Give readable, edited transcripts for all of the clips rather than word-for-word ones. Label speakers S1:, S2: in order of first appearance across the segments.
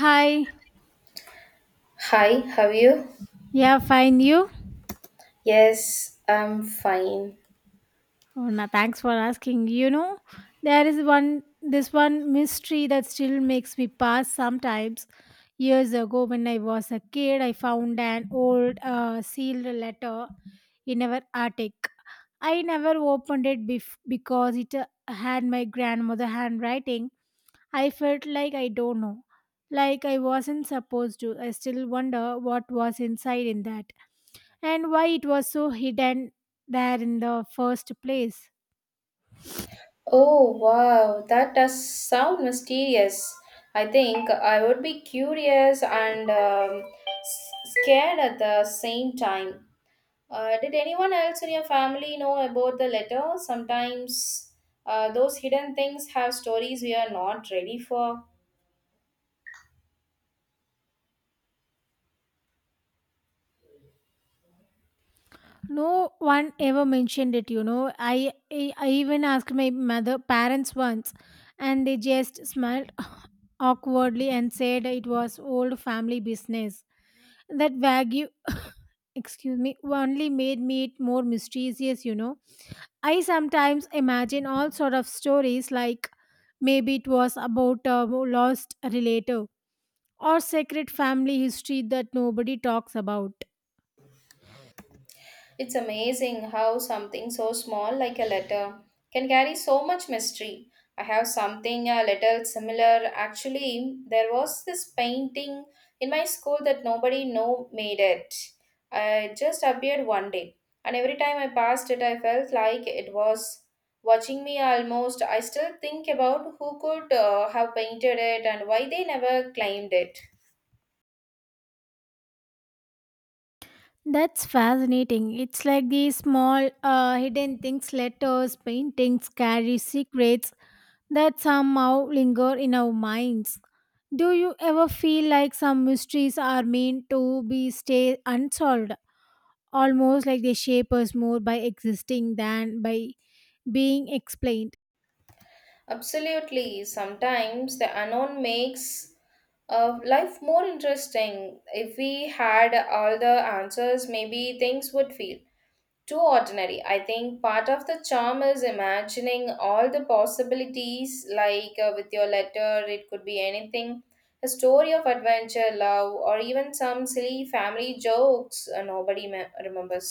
S1: Hi.
S2: Hi, how are you?
S1: Yeah, fine. You?
S2: Yes, I'm fine.
S1: Oh, no, thanks for asking. You know, there is one this one mystery that still makes me pass sometimes. Years ago, when I was a kid, I found an old sealed letter in our attic. I never opened it because it had my grandmother handwriting. I felt like I don't know, like I wasn't supposed to. I still wonder what was inside in that and why it was so hidden there in the first place.
S2: Oh, wow, that does sound mysterious. I think I would be curious and scared at the same time. Did anyone else in your family know about the letter? Sometimes those hidden things have stories we are not ready for.
S1: No one ever mentioned it, you know. I even asked my mother parents once and they just smiled awkwardly and said it was old family business. That Wagyu, excuse me, only made meat more mysterious, you know. I sometimes imagine all sort of stories like maybe it was about a lost relative or secret family history that nobody talks about.
S2: It's amazing how something so small like a letter can carry so much mystery. I have something a little similar. Actually, there was this painting in my school that nobody know made it. It just appeared one day, and every time I passed it, I felt like it was watching me almost. I still think about who could have painted it and why they never claimed it.
S1: That's fascinating. It's like these small hidden things, letters, paintings carry secrets that somehow linger in our minds. Do you ever feel like some mysteries are meant to be stay unsolved, almost like they shape us more by existing than by being explained?
S2: Absolutely, sometimes the unknown makes life more interesting. If we had all the answers, maybe things would feel too ordinary. I think part of the charm is imagining all the possibilities, like with your letter, it could be anything, a story of adventure, love, or even some silly family jokes nobody remembers.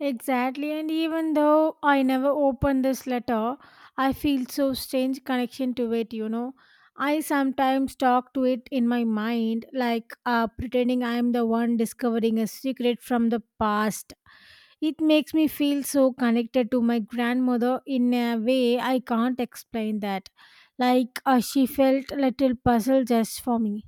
S1: Exactly, and even though I never opened this letter, I feel so strange connection to it, you know. I sometimes talk to it in my mind, like pretending I am the one discovering a secret from the past. It makes me feel so connected to my grandmother in a way I can't explain that. Like she felt little puzzle just for me.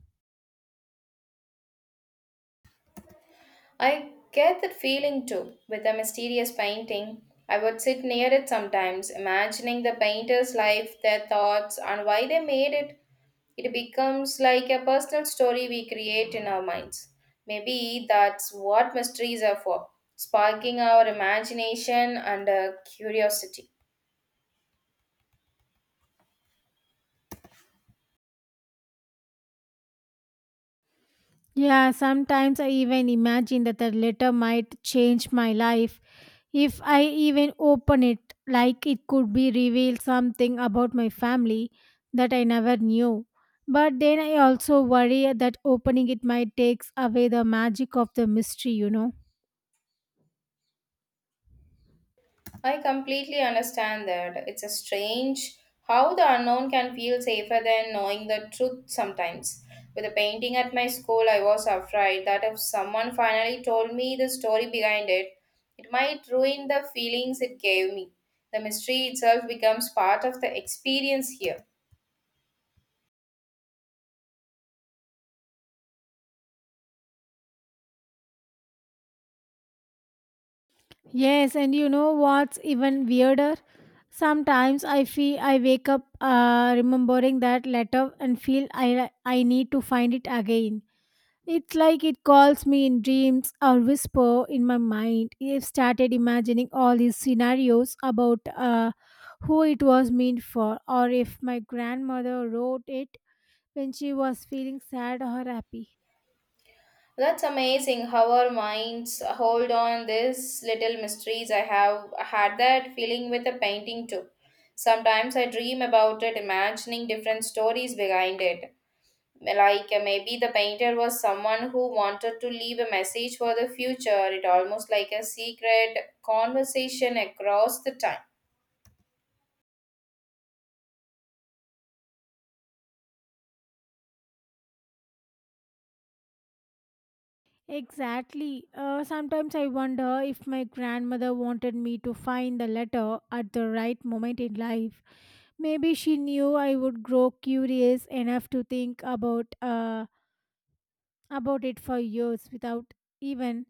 S2: I get that feeling too with a mysterious painting. I would sit near it sometimes, imagining the painter's life, their thoughts, and why they made it. It becomes like a personal story we create in our minds. Maybe that's what mysteries are for, sparking our imagination and curiosity.
S1: Yeah, sometimes I even imagine that the letter might change my life if I even open it, like it could be reveal something about my family that I never knew. But then I also worry that opening it might takes away the magic of the mystery, you know.
S2: I completely understand that. It's a strange how the unknown can feel safer than knowing the truth sometimes. With a painting at my school, I was afraid that if someone finally told me the story behind it, it might ruin the feelings it gave me. The mystery itself becomes part of the experience here.
S1: Yes, and you know what's even weirder? Sometimes I feel I wake up remembering that letter and feel I need to find it again. It's like it calls me in dreams or whisper in my mind. I've started imagining all these scenarios about who it was meant for, or if my grandmother wrote it when she was feeling sad or happy.
S2: That's amazing how our minds hold on these little mysteries. I have had that feeling with a painting too. Sometimes I dream about it, imagining different stories behind it. Like maybe the painter was someone who wanted to leave a message for the future. It almost like a secret conversation across the time.
S1: Exactly. Sometimes I wonder if my grandmother wanted me to find the letter at the right moment in life. Maybe she knew I would grow curious enough to think about about it for years without even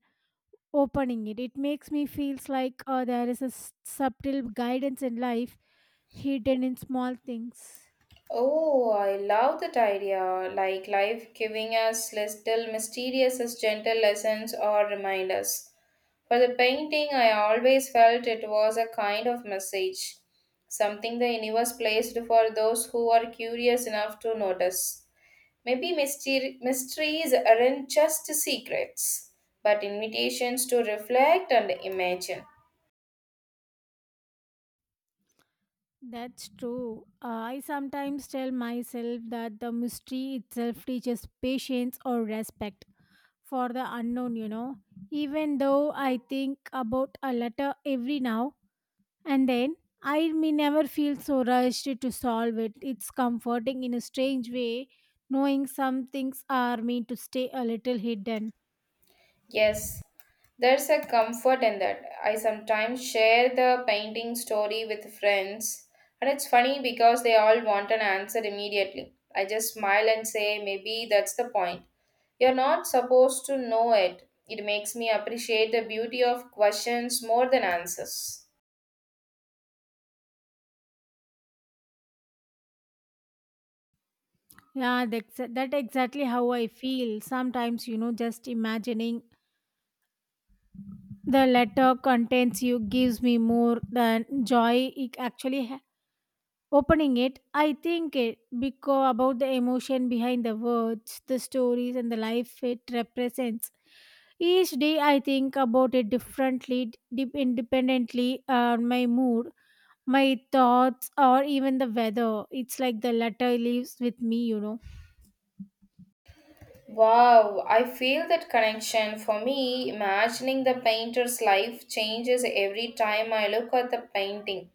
S1: opening it. It makes me feels like there is a subtle guidance in life hidden in small things.
S2: Oh, I love that idea. Like life giving us little mysterious, as gentle lessons or reminders. For the painting, I always felt it was a kind of message, something the universe placed for those who are curious enough to notice. Maybe mysteries aren't just secrets, but invitations to reflect and imagine.
S1: That's true. I sometimes tell myself that the mystery itself teaches patience or respect for the unknown, you know. Even though I think about a letter every now and then, I may never feel so rushed to solve it. It's comforting in a strange way, knowing some things are meant to stay a little hidden.
S2: Yes, there's a comfort in that. I sometimes share the painting story with friends, and it's funny because they all want an answer immediately. I just smile and say, maybe that's the point. You're not supposed to know it. It makes me appreciate the beauty of questions more than answers.
S1: Yeah, that's that exactly how I feel. Sometimes, you know, just imagining the letter contents you gives me more than joy it actually opening it, I think it because about the emotion behind the words, the stories, and the life it represents. Each day, I think about it differently, deep independently on my mood, my thoughts, or even the weather. It's like the letter lives with me, you know.
S2: Wow, I feel that connection. For me, imagining the painter's life changes every time I look at the painting.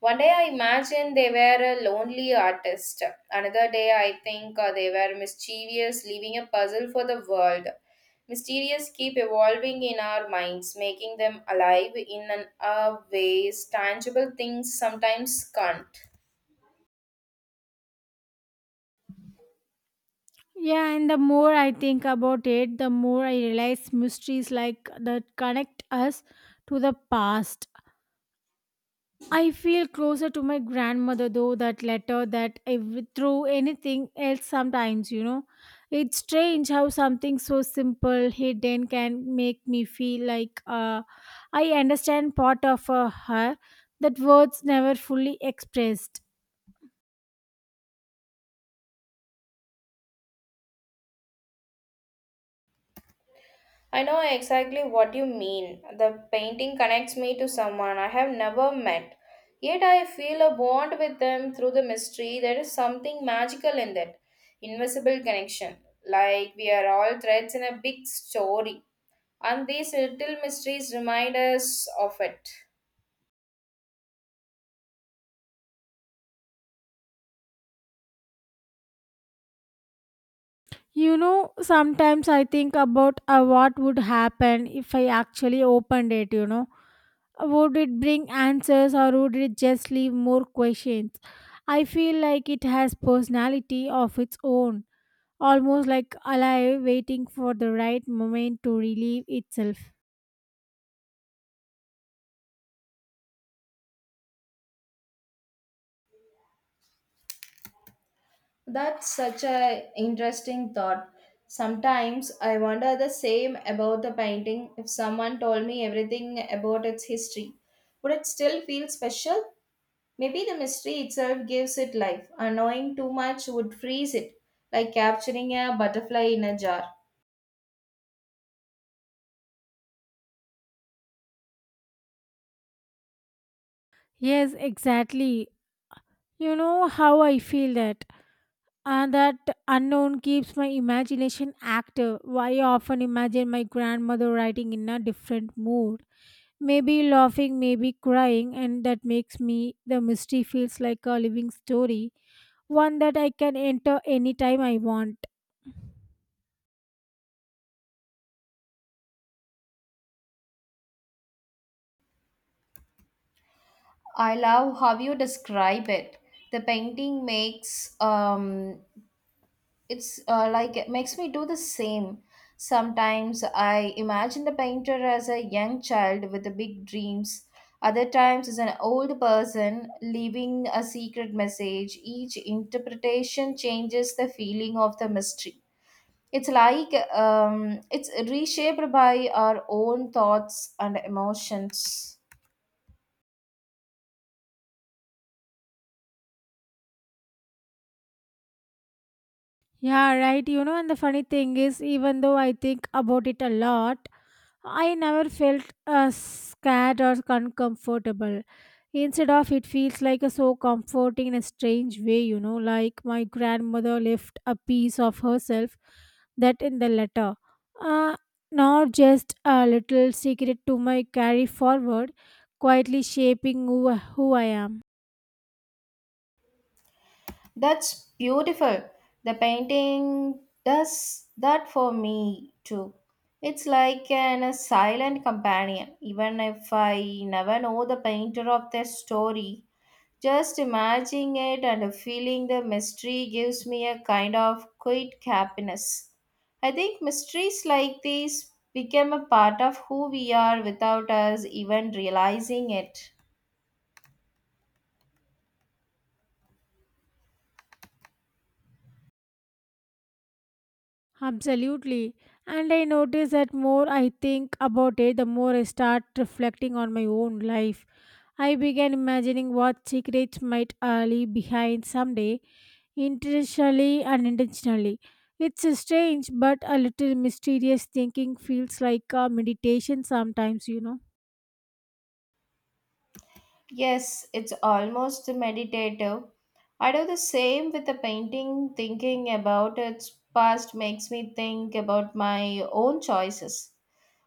S2: One day I imagined they were a lonely artist. Another day I think they were mischievous, leaving a puzzle for the world. Mysterious keep evolving in our minds, making them alive in a ways tangible things sometimes can't.
S1: Yeah, and the more I think about it, the more I realize mysteries like that connect us to the past. I feel closer to my grandmother though that letter that through anything else sometimes, you know, it's strange how something so simple hidden can make me feel like I understand part of her that words never fully expressed.
S2: I know exactly what you mean. The painting connects me to someone I have never met. Yet I feel a bond with them through the mystery. There is something magical in that invisible connection. Like we are all threads in a big story. And these little mysteries remind us of it.
S1: You know, sometimes I think about what would happen if I actually opened it, you know, would it bring answers or would it just leave more questions? I feel like it has personality of its own, almost like alive waiting for the right moment to relieve itself.
S2: That's such a interesting thought. Sometimes I wonder the same about the painting. If someone told me everything about its history, would it still feel special? Maybe the mystery itself gives it life. Annoying too much would freeze it, like capturing a butterfly in a jar.
S1: Yes, exactly. You know how I feel that. And that unknown keeps my imagination active. I often imagine my grandmother writing in a different mood. Maybe laughing, maybe crying, and that makes me the mystery feels like a living story one that I can enter anytime I want.
S2: I love how you describe it. The painting makes it's like it makes me do the same. Sometimes I imagine the painter as a young child with the big dreams. Other times as an old person leaving a secret message. Each interpretation changes the feeling of the mystery. It's like it's reshaped by our own thoughts and emotions.
S1: Yeah, right. You know, and the funny thing is, even though I think about it a lot, I never felt scared or uncomfortable. Instead of it feels like a so comforting in a strange way, you know, like my grandmother left a piece of herself that in the letter. Uh, Not just a little secret to my carry forward, quietly shaping who I am.
S2: That's beautiful. The painting does that for me too. It's like a silent companion. Even if I never know the painter of their story, just imagining it and feeling the mystery gives me a kind of quiet happiness. I think mysteries like these become a part of who we are without us even realizing it.
S1: Absolutely. And I notice that more I think about it, the more I start reflecting on my own life. I began imagining what secrets might lie behind someday, intentionally and unintentionally. It's a strange but a little mysterious thinking feels like a meditation sometimes, you know.
S2: Yes, it's almost meditative. I do the same with the painting, thinking about its past makes me think about my own choices,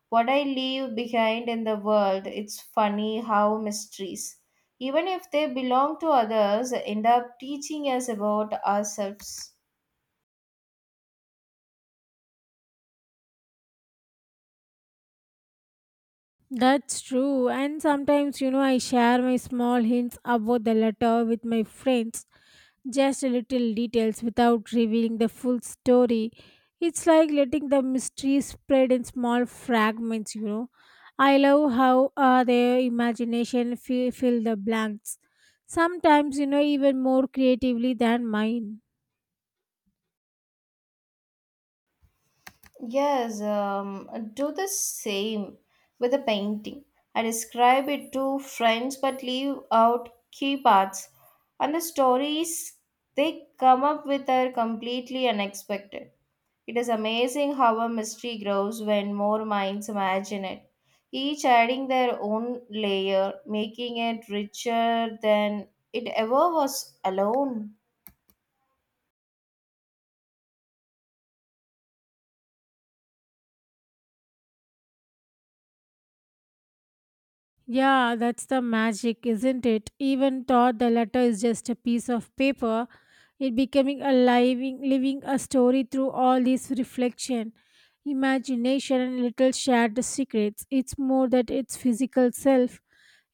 S2: what I leave behind in the world. It's funny how mysteries, even if they belong to others, end up teaching us about ourselves.
S1: That's true. And sometimes, you know, I share my small hints about the letter with my friends just a little details without revealing the full story. It's like letting the mystery spread in small fragments, you know. I love how their imagination fill the blanks. Sometimes, you know, even more creatively than mine.
S2: Yes, do the same with a painting. I describe it to friends but leave out key parts, and the stories they come up with are completely unexpected. It is amazing how a mystery grows when more minds imagine it, each adding their own layer, making it richer than it ever was alone.
S1: Yeah, that's the magic, isn't it? Even though the letter is just a piece of paper, it becoming a living a story through all this reflection, imagination, and little shared secrets. It's more that its physical self.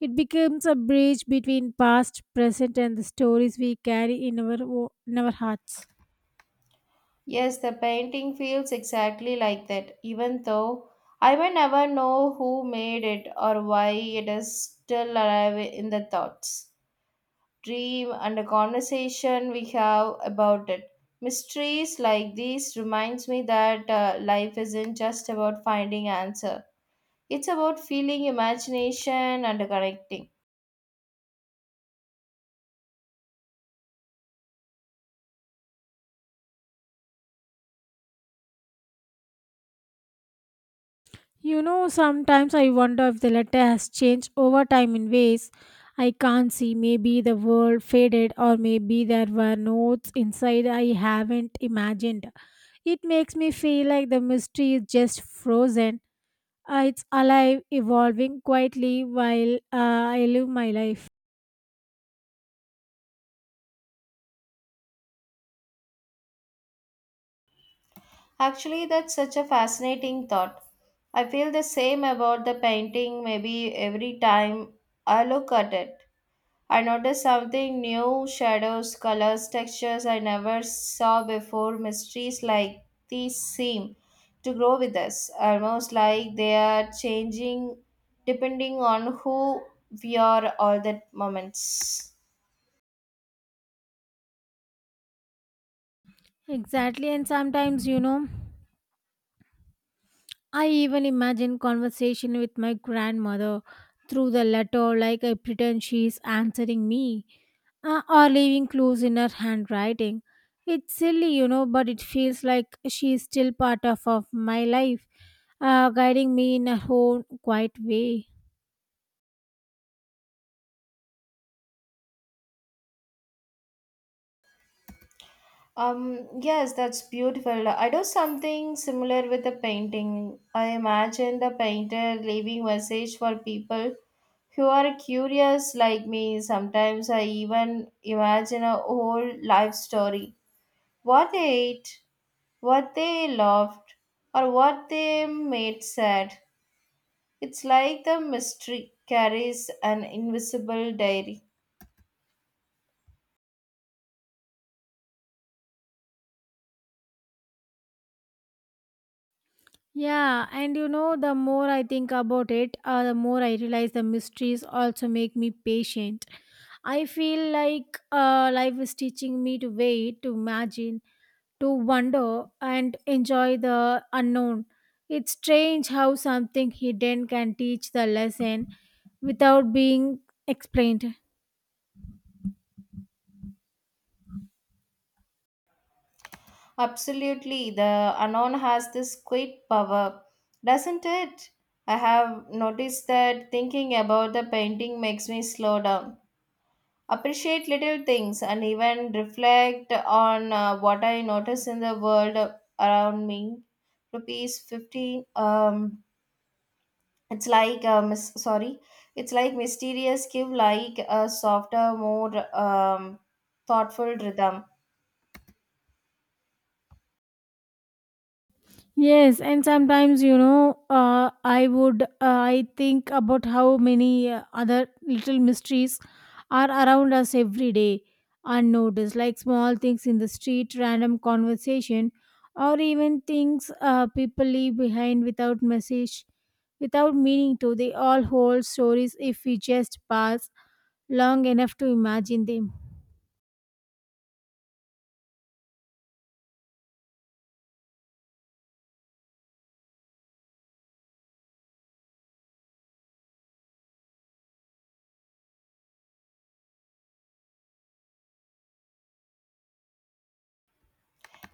S1: It becomes a bridge between past, present, and the stories we carry in in our hearts.
S2: Yes, the painting feels exactly like that, even though I may never know who made it or why it is still alive in the thoughts, dream and a conversation we have about it. Mysteries like these reminds me that life isn't just about finding answer, it's about feeling imagination and connecting.
S1: You know, sometimes I wonder if the letter has changed over time in ways I can't see. Maybe the world faded, or maybe there were notes inside I haven't imagined. It makes me feel like the mystery is just frozen. It's alive, evolving quietly while I live my life.
S2: Actually, that's such a fascinating thought. I feel the same about the painting. Maybe every time I look at it, I noticed something new: shadows, colors, textures I never saw before. Mysteries like these seem to grow with us, almost like they are changing depending on who we are all that moments.
S1: Exactly, and sometimes, you know, I even imagine conversation with my grandmother through the letter, like I pretend she's answering me, or leaving clues in her handwriting. It's silly, you know, but it feels like she is still part of my life, guiding me in her own quiet way.
S2: Yes, that's beautiful. I do something similar with the painting. I imagine the painter leaving message for people who are curious like me. Sometimes I even imagine a whole life story. What they ate, what they loved, or what they made sad. It's like the mystery carries an invisible diary.
S1: Yeah, and you know, the more I think about it, the more I realize the mysteries also make me patient. I feel like life is teaching me to wait, to imagine, to wonder, and enjoy the unknown. It's strange how something hidden can teach the lesson without being explained.
S2: Absolutely, the unknown has this quiet power, doesn't it? I have noticed that thinking about the painting makes me slow down, appreciate little things, and even reflect on what I notice in the world around me. Rupees 15. It's like, sorry, it's like mysterious, give like a softer, more thoughtful rhythm.
S1: Yes, and sometimes you know, I think about how many other little mysteries are around us every day, unnoticed, like small things in the street, random conversation, or even things people leave behind without message, without meaning to. They all hold stories if we just pass long enough to imagine them.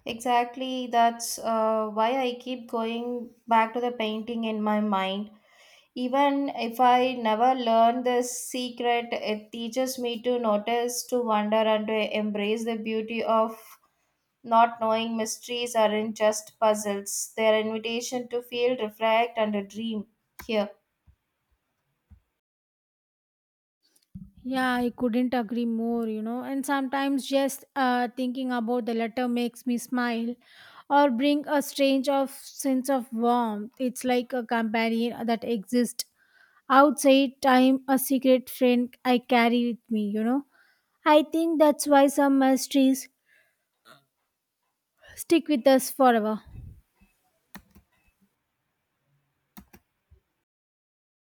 S2: Exactly, that's why I keep going back to the painting in my mind. Even if I never learn this secret, it teaches me to notice, to wonder, and to embrace the beauty of not knowing. Mysteries aren't just puzzles. They're invitation to feel, reflect, and a dream here.
S1: Yeah, I couldn't agree more, you know. And sometimes just thinking about the letter makes me smile or bring a strange of sense of warmth. It's like a companion that exists outside time, a secret friend I carry with me, you know. I think that's why some mysteries stick with us forever.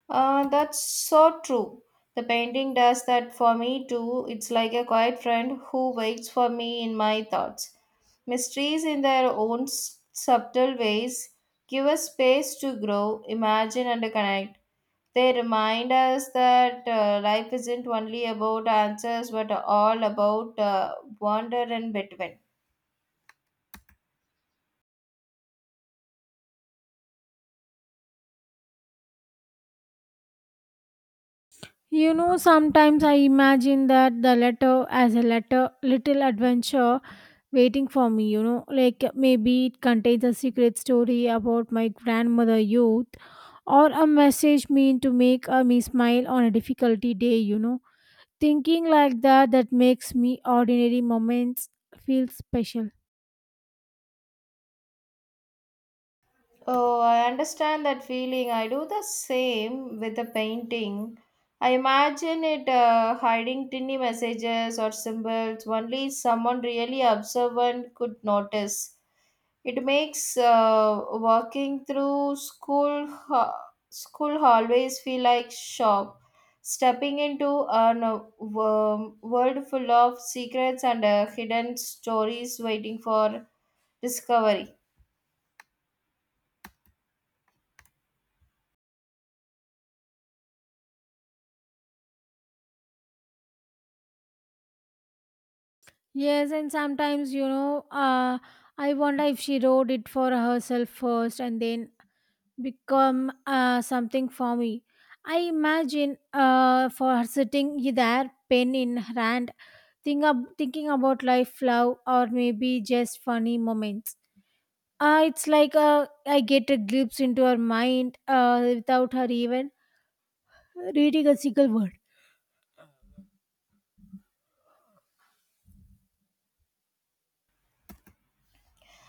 S2: That's so true. The painting does that for me too. It's like a quiet friend who waits for me in my thoughts. Mysteries, in their own subtle ways, give us space to grow, imagine, and connect. They remind us that life isn't only about answers but all about wonder in between.
S1: You know, sometimes I imagine that the letter as a letter, little adventure waiting for me, you know, like maybe it contains a secret story about my grandmother youth or a message meant to make me smile on a difficulty day, you know. Thinking like that makes me ordinary moments feel special.
S2: Oh, I understand that feeling. I do the same with a painting. I imagine it hiding tiny messages or symbols only someone really observant could notice. It makes walking through school hallways feel like shop, stepping into a world full of secrets and hidden stories waiting for discovery.
S1: Yes, and sometimes, you know, I wonder if she wrote it for herself first and then become something for me. I imagine for her sitting there, pen in hand, thinking about life, love, or maybe just funny moments. It's like I get a glimpse into her mind without her even reading a single word.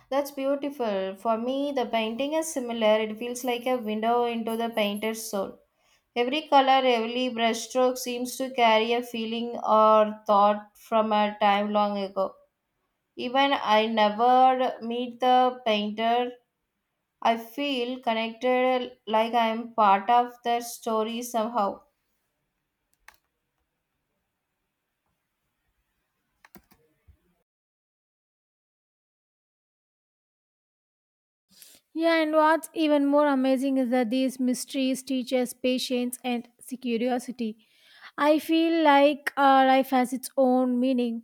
S2: That's beautiful. For me, the painting is similar. It feels like a window into the painter's soul. Every color, every brushstroke seems to carry a feeling or thought from a time long ago. Even I never meet the painter, I feel connected like I am part of their story somehow.
S1: Yeah, and what's even more amazing is that these mysteries teach us patience and curiosity. I feel like life has its own meaning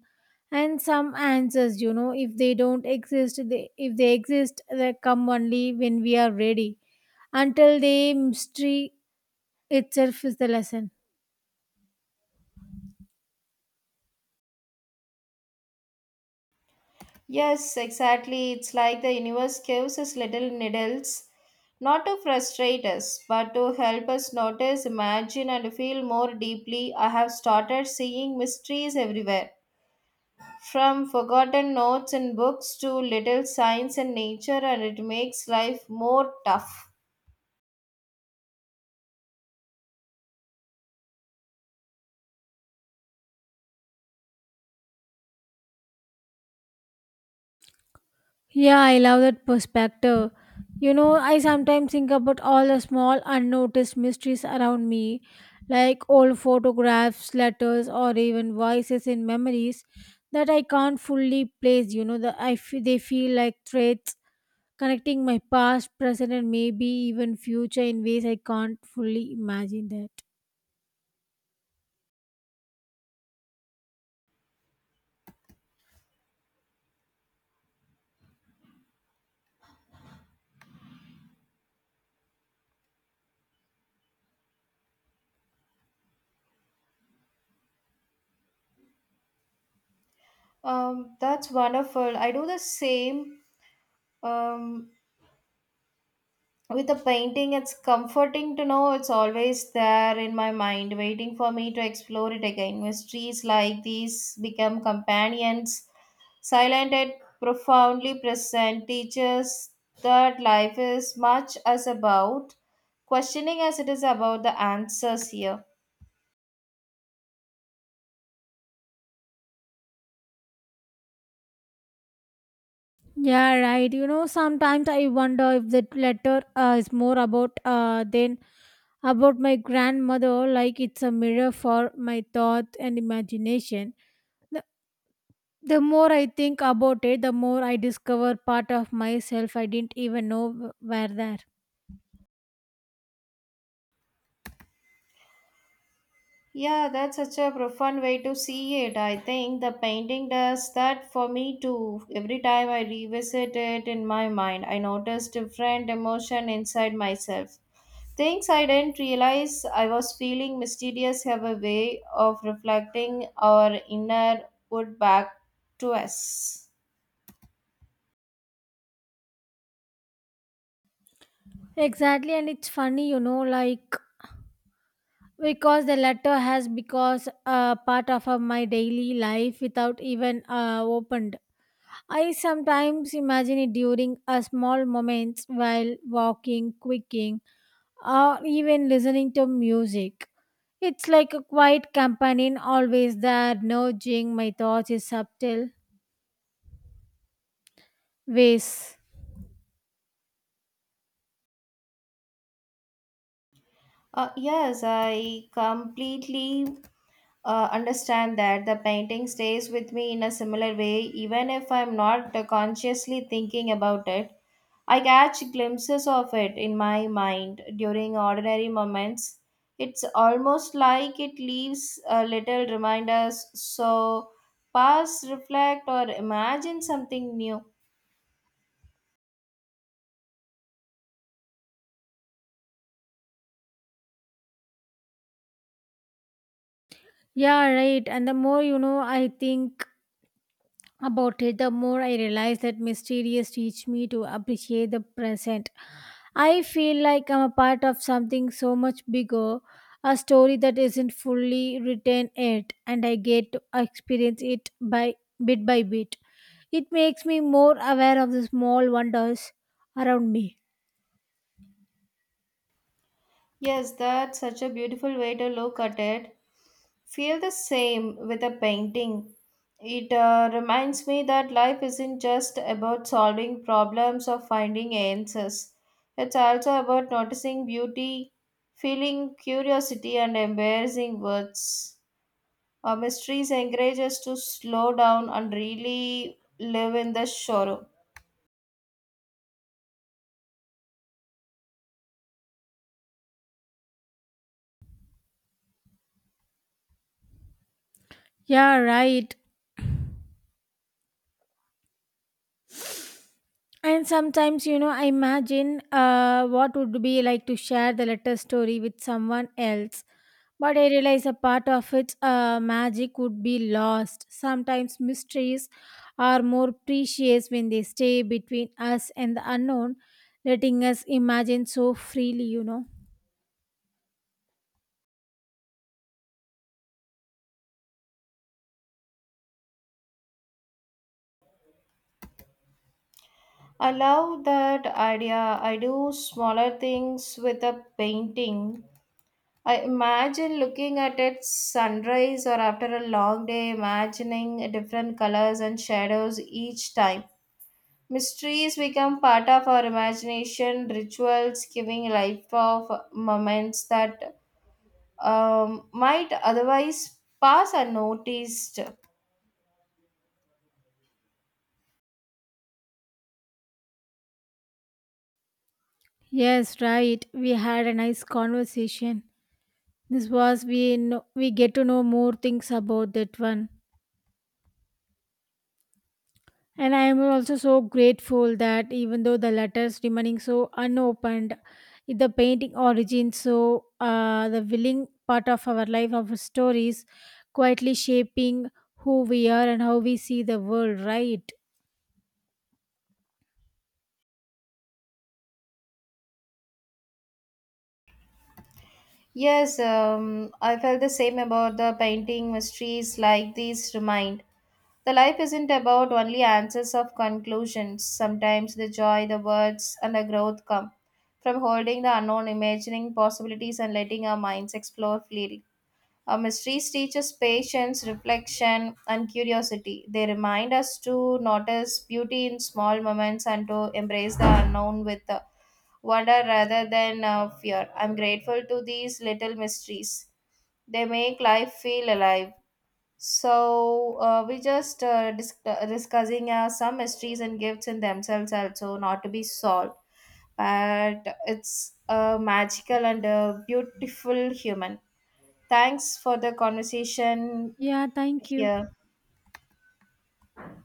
S1: and some answers, you know, if they don't exist, they, if they exist, they come only when we are ready. Until the mystery itself is the lesson.
S2: Yes, exactly. It's like the universe gives us little needles, not to frustrate us, but to help us notice, imagine, and feel more deeply. I have started seeing mysteries everywhere, from forgotten notes in books to little signs in nature, and it makes life more tough.
S1: Yeah, I love that perspective. You know, I sometimes think about all the small unnoticed mysteries around me, like old photographs, letters, or even voices in memories that I can't fully place. You know, they feel like threads connecting my past, present, and maybe even future in ways I can't fully imagine that.
S2: That's wonderful. I do the same um, with the painting. It's comforting to know it's always there in my mind, waiting for me to explore it again. Mysteries like these become companions, silent yet profoundly present, teaches that life is much as about questioning as it is about the answers here.
S1: Yeah, right. You know, sometimes I wonder if that letter is more about than about my grandmother. Like it's a mirror for my thought and imagination. The, the more I think about it, the more I discover part of myself I didn't even know were there.
S2: Yeah, that's such a profound way to see it. I think the painting does that for me too. Every time I revisit it in my mind, I notice different emotion inside myself, things I didn't realize I was feeling. Mysterious have a way of reflecting our inner wood back to us.
S1: Exactly, and it's funny, you know, like because the letter has because part of my daily life without even opened. I sometimes imagine it during a small moments while walking, quicking, or even listening to music. It's like a quiet companion always there, nudging my thoughts in subtle ways.
S2: Yes, I completely understand that the painting stays with me in a similar way, even if I'm not consciously thinking about it. I catch glimpses of it in my mind during ordinary moments. It's almost like it leaves a little reminders, so pause, reflect, or imagine something new.
S1: Yeah, right. And the more, you know, I think about it, the more I realize that mysterious teach me to appreciate the present. I feel like I'm a part of something so much bigger, a story that isn't fully written yet, and I get to experience it by bit by bit. It makes me more aware of the small wonders around me.
S2: Yes, that's such a beautiful way to look at it. Feel the same with a painting. It reminds me that life isn't just about solving problems or finding answers. It's also about noticing beauty, feeling curiosity, and embracing words. Our mysteries encourage us to slow down and really live in the sorrow.
S1: Yeah, right. And sometimes, you know, I imagine what would be like to share the letter story with someone else. But I realize a part of its magic would be lost. Sometimes mysteries are more precious when they stay between us and the unknown, letting us imagine so freely, you know.
S2: I love that idea. I do smaller things with a painting. I imagine looking at it sunrise or after a long day, imagining different colors and shadows each time. Mysteries become part of our imagination, rituals giving life of moments that might otherwise pass unnoticed.
S1: Yes, right. We had a nice conversation. This was we know, we get to know more things about that one. And I am also so grateful that even though the letters remaining so unopened, the painting origins so the willing part of our life of stories quietly shaping who we are and how we see the world, right?
S2: Yes, I felt the same about the painting. Mysteries like these remind, the life isn't about only answers of conclusions. Sometimes the joy, the words, and the growth come from holding the unknown, imagining possibilities, and letting our minds explore freely. Our mysteries teach us patience, reflection, and curiosity. They remind us to notice beauty in small moments and to embrace the unknown with wonder rather than fear. I'm grateful to these little mysteries. They make life feel alive. So we just discussing some mysteries and gifts in themselves also not to be solved, but it's a magical and a beautiful human. Thanks for the conversation
S1: Yeah, thank you.
S2: here.